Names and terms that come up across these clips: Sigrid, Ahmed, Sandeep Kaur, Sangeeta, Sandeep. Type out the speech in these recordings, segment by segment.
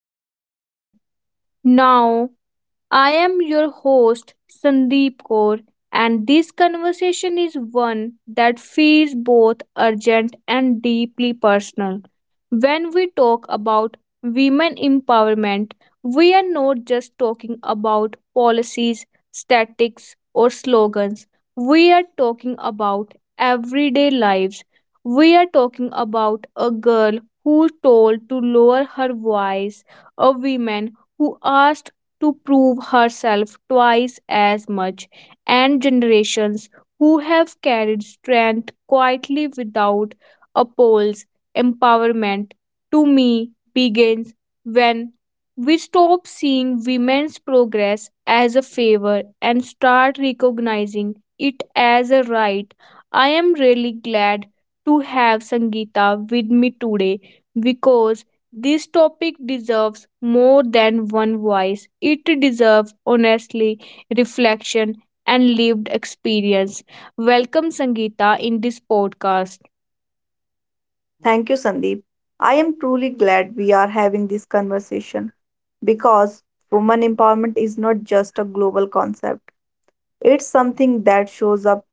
episode. Now, I am your host, Sandeep Kaur, and this conversation is one that feels both urgent and deeply personal. When we talk about women empowerment, we are not just talking about policies, statics, or slogans. We are talking about everyday lives. We are talking about a girl who told to lower her voice, a woman who asked to prove herself twice as much, and generations who have carried strength quietly without applause. Empowerment to me begins when we stop seeing women's progress as a favor and start recognizing it as a right. I am really glad to have Sangeeta with me today because this topic deserves more than one voice. It deserves honestly reflection and lived experience. Welcome Sangeeta in this podcast. Thank you, Sandeep. I am truly glad we are having this conversation because women empowerment is not just a global concept, it's something that shows up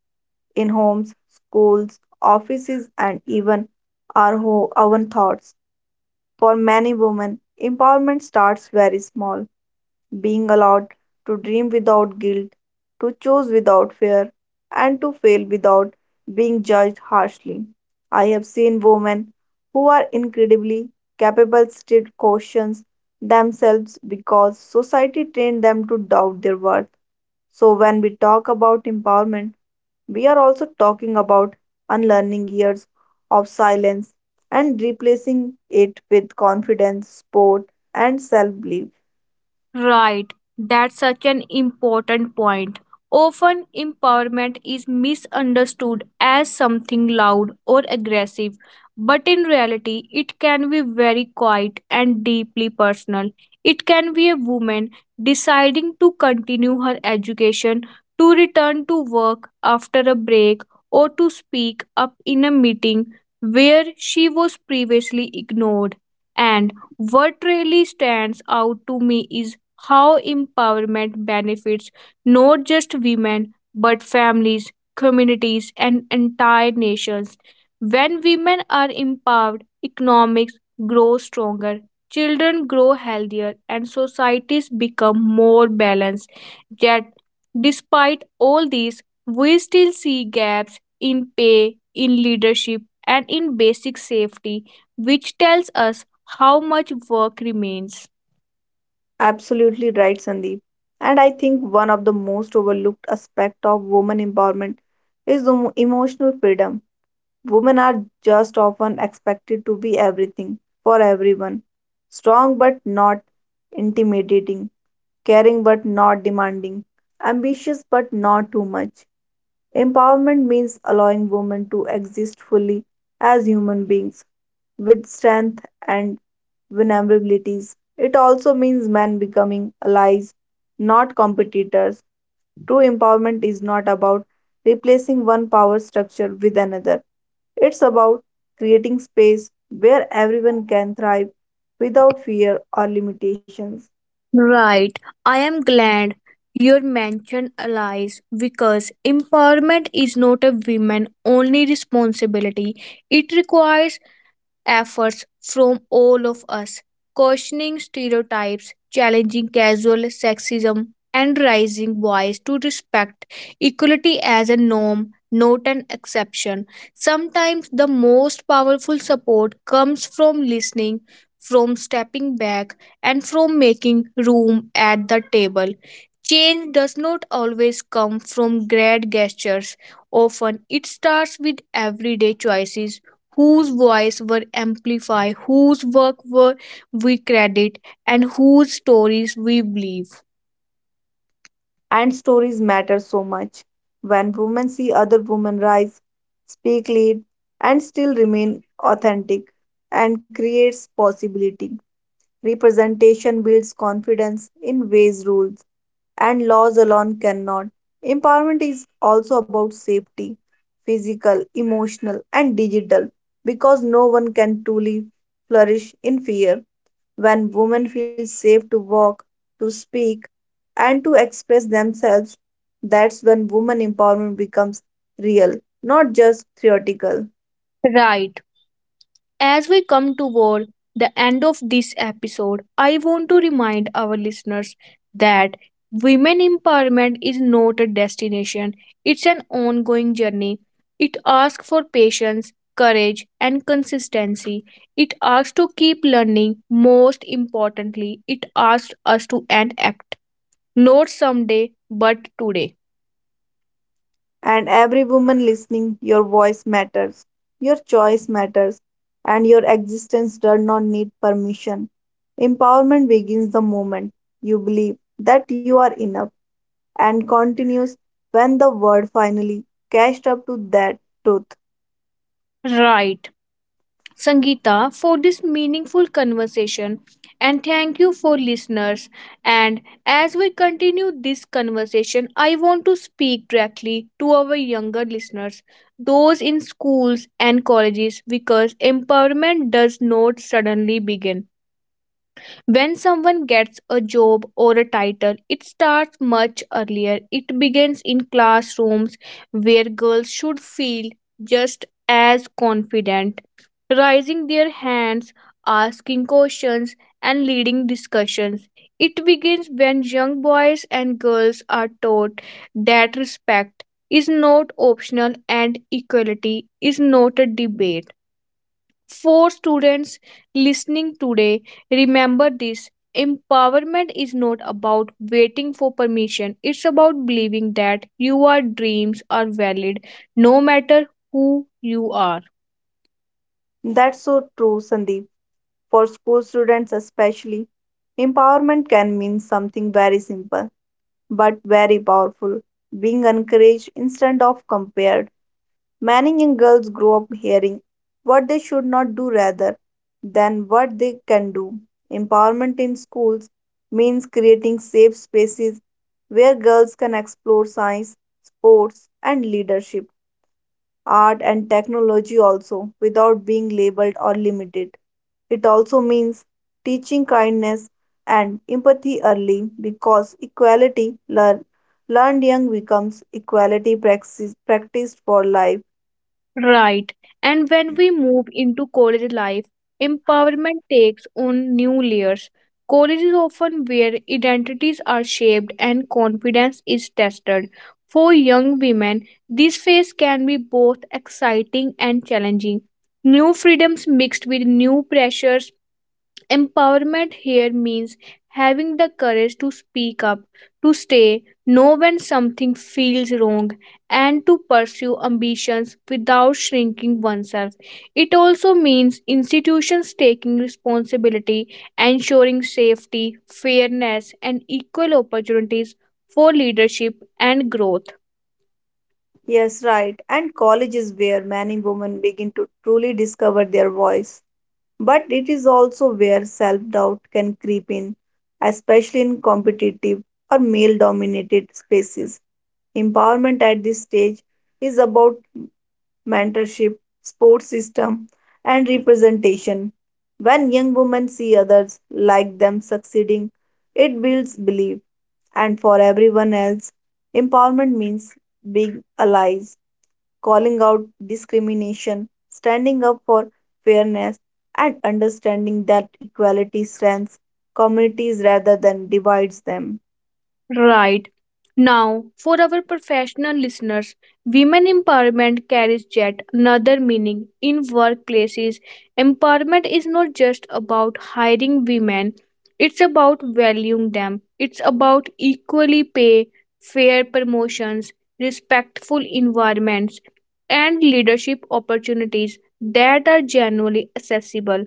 in homes, schools, offices, and even own thoughts. For many women, empowerment starts very small, being allowed to dream without guilt, to choose without fear, and to fail without being judged harshly. I have seen women who are incredibly capable still cautions themselves because society trained them to doubt their worth. So, when we talk about empowerment, we are also talking about unlearning years of silence and replacing it with confidence, sport, and self belief. Right, that's such an important point. Often, empowerment is misunderstood as something loud or aggressive, but in reality, it can be very quiet and deeply personal. It can be a woman deciding to continue her education, to return to work after a break, or to speak up in a meeting where she was previously ignored. And what really stands out to me is how empowerment benefits not just women but families, communities, and entire nations. When women are empowered, economics grow stronger, children grow healthier, and societies become more balanced. Yet, despite all these, we still see gaps in pay, in leadership, and in basic safety, which tells us how much work remains. Absolutely right, Sandeep. And I think one of the most overlooked aspect of women empowerment is the emotional freedom. Women are just often expected to be everything for everyone, strong but not intimidating, caring but not demanding, ambitious but not too much. Empowerment means allowing women to exist fully as human beings with strength and vulnerabilities. It also means men becoming allies, not competitors. True empowerment is not about replacing one power structure with another. It's about creating space where everyone can thrive without fear or limitations. Right. I am glad you mentioned allies because empowerment is not a women only responsibility. It requires efforts from all of us, questioning stereotypes, challenging casual sexism, and raising voice to respect equality as a norm, not an exception. Sometimes the most powerful support comes from listening, from stepping back, and from making room at the table. Change does not always come from grand gestures. Often it starts with everyday choices whose voice were amplified, whose work were we credit, and whose stories we believe. And stories matter so much. When women see other women rise, speak, lead, and still remain authentic and creates possibility. Representation builds confidence in ways rules and laws alone cannot. Empowerment is also about safety, physical, emotional, and digital, because no one can truly flourish in fear. When women feel safe to walk, to speak, and to express themselves, that's when woman empowerment becomes real, not just theoretical. Right. As we come toward the end of this episode, I want to remind our listeners that women empowerment is not a destination, it's an ongoing journey. It asks for patience, courage, and consistency. It asks to keep learning. Most importantly, it asks us to act. Not someday, but today. And every woman listening, your voice matters, your choice matters, and your existence does not need permission. Empowerment begins the moment you believe that you are enough and continues when the world finally catches up to that truth. Right. Sangeeta, for this meaningful conversation, and thank you for listeners. And as we continue this conversation, I want to speak directly to our younger listeners, those in schools and colleges, because empowerment does not suddenly begin. When someone gets a job or a title, it starts much earlier. It begins in classrooms where girls should feel just as confident, raising their hands, asking questions, and leading discussions. It begins when young boys and girls are taught that respect is not optional and equality is not a debate. For students listening today, remember this empowerment is not about waiting for permission, it's about believing that your dreams are valid no matter who you are. That's so true, Sandeep. For school students, especially, empowerment can mean something very simple but very powerful, being encouraged instead of compared. Many young girls grow up hearing what they should not do rather than what they can do. Empowerment in schools means creating safe spaces where girls can explore science, sports, and leadership, art, and technology also without being labeled or limited. It also means teaching kindness and empathy early because learned young becomes practiced for life. Right. And when we move into college life, empowerment takes on new layers. College is often where identities are shaped and confidence is tested. For young women, this phase can be both exciting and challenging. New freedoms mixed with new pressures. Empowerment here means having the courage to speak up, to stay, know when something feels wrong, and to pursue ambitions without shrinking oneself. It also means institutions taking responsibility, ensuring safety, fairness, and equal opportunities for leadership and growth. Yes, right. And college is where many women begin to truly discover their voice. But it is also where self doubt can creep in, especially in competitive or male dominated spaces. Empowerment at this stage is about mentorship, support system, and representation. When young women see others like them succeeding, it builds belief. And for everyone else, empowerment means being alive, calling out discrimination, standing up for fairness, and understanding that equality strengthens communities rather than divides them. Right. Now, for our professional listeners, women empowerment carries yet another meaning in workplaces. Empowerment is not just about hiring women, it's about valuing them. It's about equally pay, fair promotions, respectful environments, and leadership opportunities that are genuinely accessible.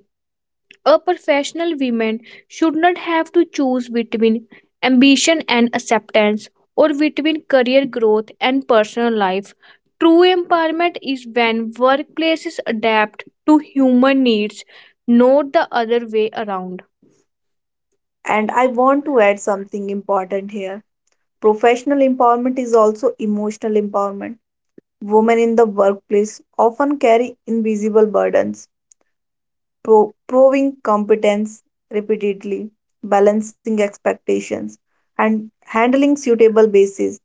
A professional woman should not have to choose between ambition and acceptance or between career growth and personal life. True empowerment is when workplaces adapt to human needs, not the other way around. And I want to add something important here. Professional empowerment is also emotional empowerment. Women in the workplace often carry invisible burdens, proving competence repeatedly, balancing expectations, and handling suitable bases.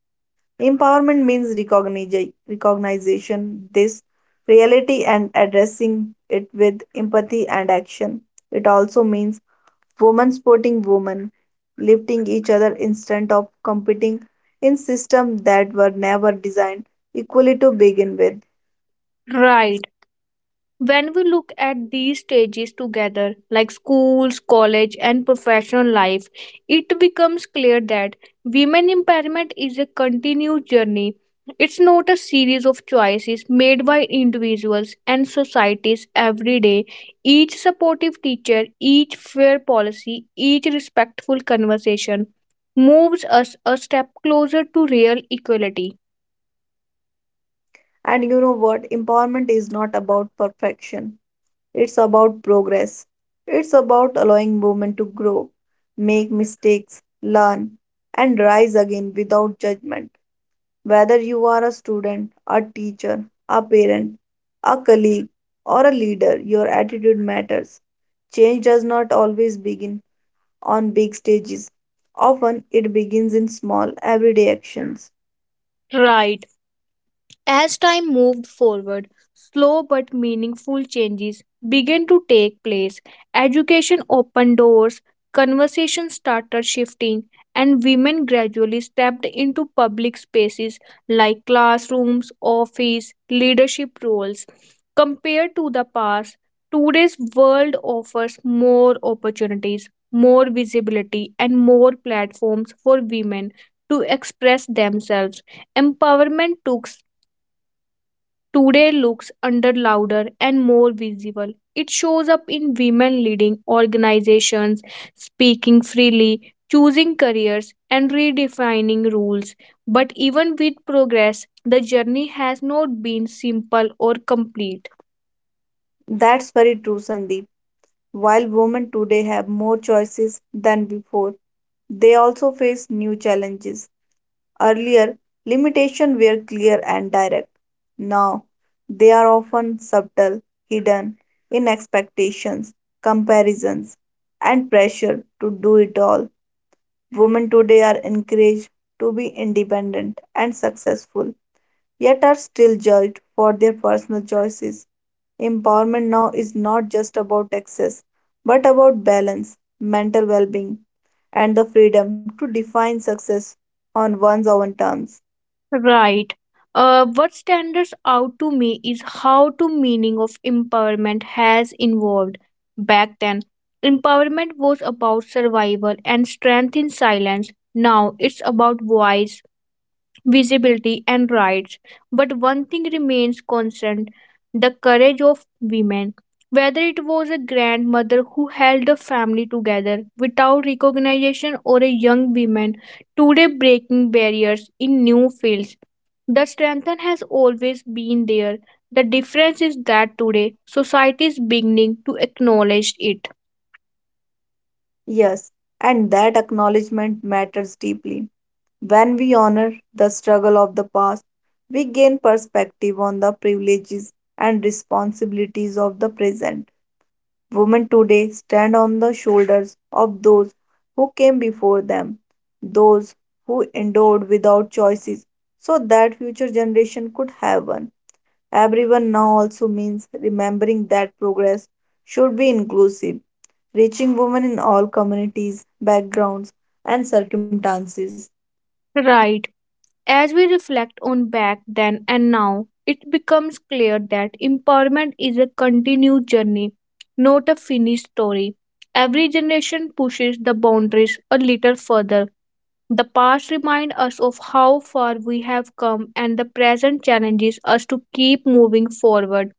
Empowerment means recognition this reality and addressing it with empathy and action. It also means women supporting women, lifting each other instead of competing in systems that were never designed equally to begin with. Right. When we look at these stages together, like schools, college, and professional life, it becomes clear that women empowerment is a continuous journey. It's not a series of choices made by individuals and societies every day. Each supportive teacher, each fair policy, each respectful conversation moves us a step closer to real equality. And you know what? Empowerment is not about perfection. It's about progress. It's about allowing women to grow, make mistakes, learn, and rise again without judgment. Whether you are a student, a teacher, a parent, a colleague, or a leader, your attitude matters. Change does not always begin on big stages. Often it begins in small, everyday actions. Right. As time moved forward, slow but meaningful changes began to take place. Education opened doors, conversations started shifting, and women gradually stepped into public spaces like classrooms, office, leadership roles. Compared to the past, today's world offers more opportunities, more visibility, and more platforms for women to express themselves. Empowerment took today looks under louder and more visible. It shows up in women leading organizations, speaking freely, choosing careers, and redefining rules. But even with progress, the journey has not been simple or complete. That's very true, Sandeep. While women today have more choices than before, they also face new challenges. Earlier, limitations were clear and direct. Now, they are often subtle, hidden in expectations, comparisons, and pressure to do it all. Women today are encouraged to be independent and successful, yet are still judged for their personal choices. Empowerment now is not just about access, but about balance, mental well being, and the freedom to define success on one's own terms. Right. What stands out to me is how the meaning of empowerment has evolved. Back then, empowerment was about survival and strength in silence. Now it's about voice, visibility, and rights. But one thing remains constant the courage of women. Whether it was a grandmother who held the family together without recognition or a young woman today breaking barriers in new fields the strength has always been there. The difference is that today society is beginning to acknowledge it. Yes, and that acknowledgement matters deeply. When we honor the struggle of the past, we gain perspective on the privileges and responsibilities of the present. Women today stand on the shoulders of those who came before them, those who endured without choices, so that future generation could have one. Everyone now also means remembering that progress should be inclusive, reaching women in all communities, backgrounds, and circumstances, Right. As we reflect on back then and now, it becomes clear that empowerment is a continued journey, not a finished story. Every generation pushes the boundaries a little further. The past reminds us of how far we have come, and the present challenges us to keep moving forward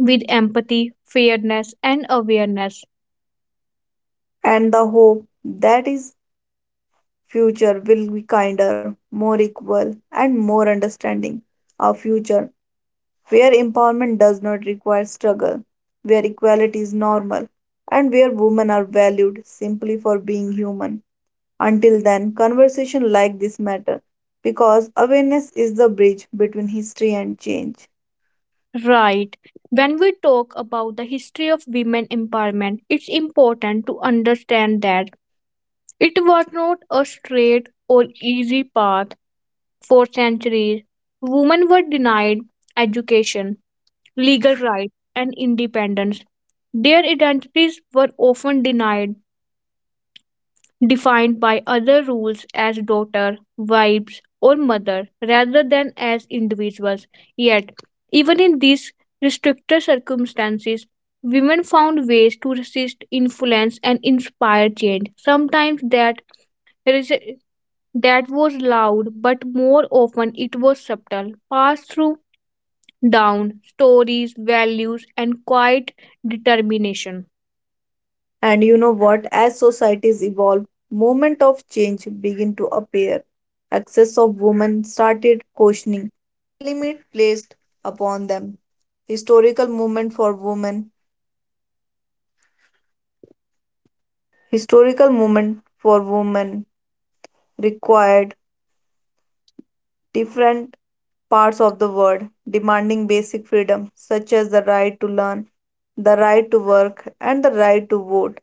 with empathy, fairness, and awareness. and the hope that his future will be kinder, more equal, and more understanding. A future where empowerment does not require struggle, where equality is normal, and where women are valued simply for being human. Until then, conversation like this matter because awareness is the bridge between history and change. Right. When we talk about the history of women empowerment, it's important to understand that it was not a straight or easy path. For centuries, women were denied education, legal rights, and independence. Their identities were often denied defined by other rules as daughter, wives, or mother rather than as individuals. Yet, even in these restricted circumstances, women found ways to resist influence and inspire change. Sometimes resi- that was loud, but more often it was subtle, passed through down stories, values, and quiet determination. And you know what? As societies evolve, moment of change begin to appear. Access of women started required different parts of the world, demanding basic freedoms such as the right to learn, the right to work, and the right to vote.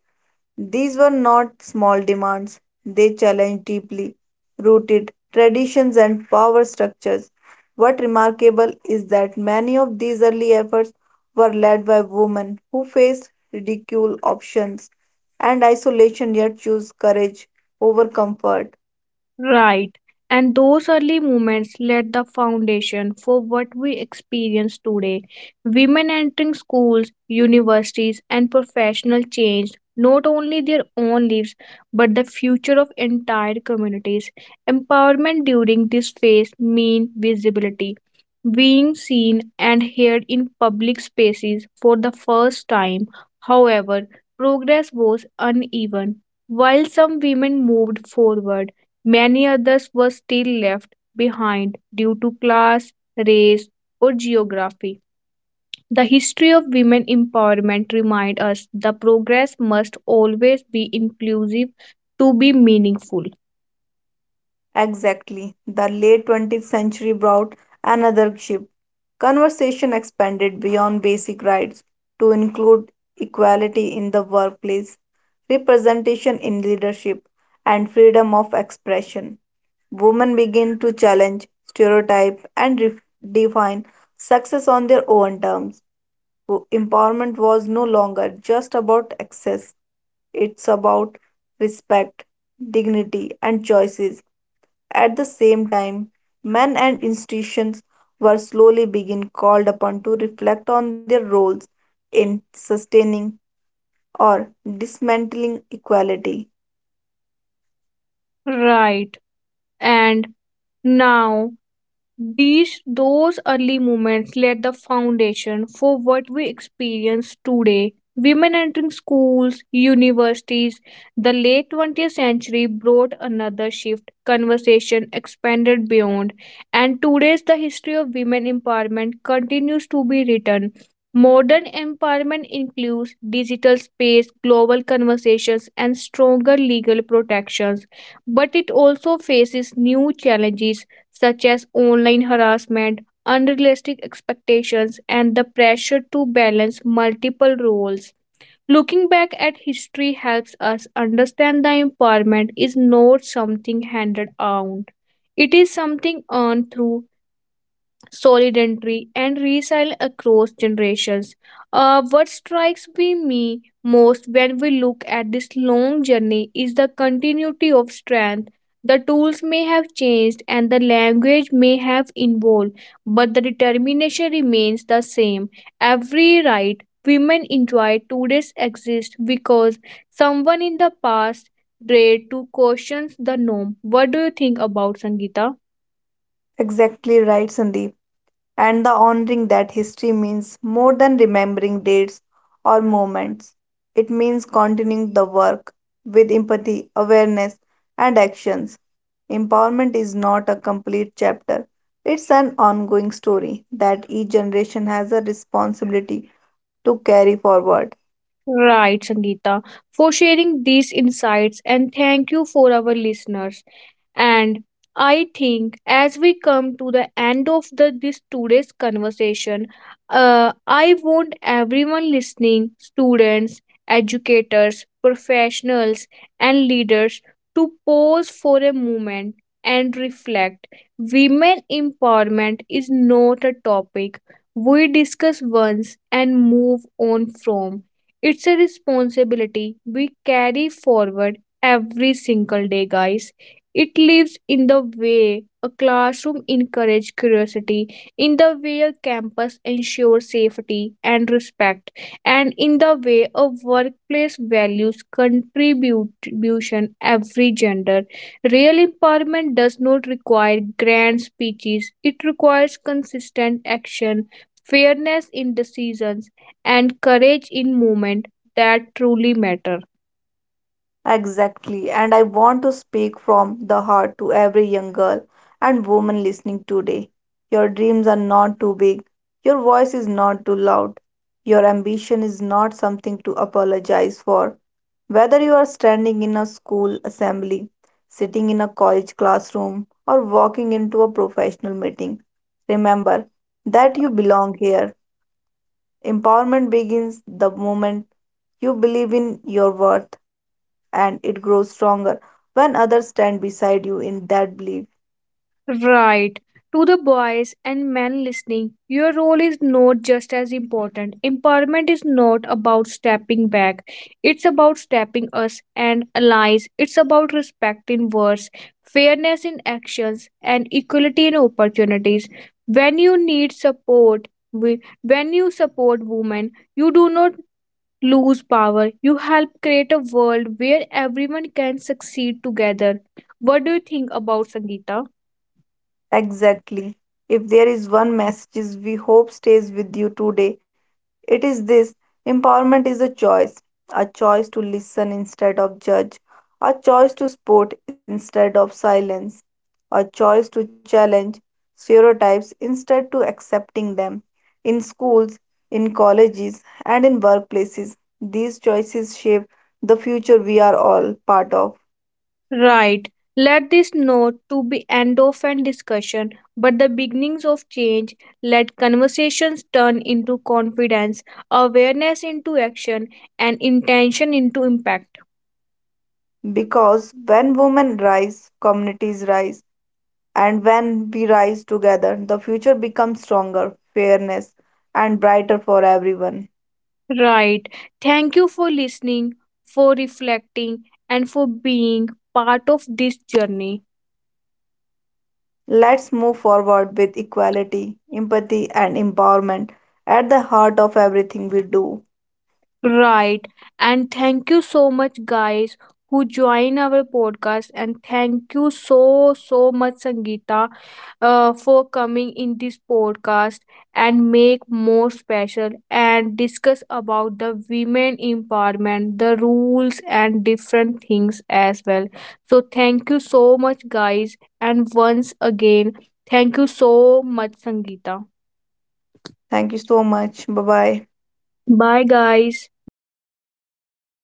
These were not small demands, they challenged deeply rooted traditions and power structures. What remarkable is that many of these early efforts were led by women who faced ridicule, options, and isolation yet chose courage over comfort. Right. And those early moments laid the foundation for what we experience today. Women entering schools, universities, and professional changed not only their own lives but the future of entire communities. Empowerment during this phase means visibility. Being seen and heard in public spaces for the first time. However, progress was uneven. While some women moved forward, many others were still left behind due to class, race, or geography. The history of women empowerment reminds us the progress must always be inclusive to be meaningful. Exactly. The late 20th century brought another shift. Conversation expanded beyond basic rights to include equality in the workplace, representation in leadership, and freedom of expression. Women begin to challenge, stereotype, and define success on their own terms. Empowerment was no longer just about access, it's about respect, dignity, and choices. At the same time, men and institutions were slowly being called upon to reflect on their roles in sustaining or dismantling equality. Right. And now These those early moments laid the foundation for what we experience today. Women entering schools, universities, the late 20th century brought another shift. Conversation expanded beyond, and today's the history of women empowerment continues to be written. Modern empowerment includes digital space, global conversations, and stronger legal protections, but it also faces new challenges such as online harassment, unrealistic expectations, and the pressure to balance multiple roles. Looking back at history helps us understand the empowerment is not something handed on. It is something earned through solidarity, and resilience across generations. What strikes me most when we look at this long journey is the continuity of strength. The tools may have changed and the language may have evolved, but the determination remains the same. Every right women enjoy today exists because someone in the past dared to question the norm. What do you think about Sangeeta? Exactly right, Sandeep. And the honoring that history means more than remembering dates or moments. It means continuing the work with empathy, awareness, and actions. Empowerment is not a complete chapter, it's an ongoing story that each generation has a responsibility to carry forward. Right, Sangeeta, for sharing these insights and thank you for our listeners. And I think as we come to the end of the this today's conversation, I want everyone listening, students, educators, professionals, and leaders to pause for a moment and reflect. Women empowerment is not a topic we discuss once and move on from it's a responsibility we carry forward every single day, guys. It lives in the way a classroom encourages curiosity, in the way a campus ensures safety and respect, and in the way a workplace values contribution every gender. Real empowerment does not require grand speeches, it requires consistent action, fairness in decisions and courage in moments that truly matter. Exactly, and I want to speak from the heart to every young girl and woman listening today. Your dreams are not too big, your voice is not too loud, your ambition is not something to apologize for. Whether you are standing in a school assembly, sitting in a college classroom, or walking into a professional meeting, remember that you belong here. Empowerment begins the moment you believe in your worth and it grows stronger when others stand beside you in that belief. Right. To the boys and men listening, your role is not just as important. Empowerment is not about stepping back, it's about stepping us and allies. It's about respect in words, fairness in actions, and equality in opportunities. When you support women, you do not lose power. You help create a world where everyone can succeed together. What do you think about Sangeeta? Exactly. If there is one message we hope stays with you today, it is this: empowerment is a choice to listen instead of judge, a choice to support instead of silence, a choice to challenge stereotypes instead to accepting them. In schools, in colleges, and in workplaces, these choices shape the future we are all part of Right. Let this note to be end of an discussion, but the beginnings of change. Let conversations turn into confidence, awareness into action, and intention into impact. because when women rise, communities rise. And when we rise together, the future becomes stronger, fairness, and brighter for everyone. Right. Thank you for listening, for reflecting, and for being part of this journey. Let's move forward with equality, empathy, and empowerment at the heart of everything we do. Right. And thank you so much, guys, who join our podcast. And thank you so, so much, Sangeeta, for coming in this podcast and make more special and discuss about the women empowerment, the rules, and different things as well. So, thank you so much, guys. And once again, thank you so much, Sangeeta. Thank you so much. Bye bye. Bye, guys. Bye.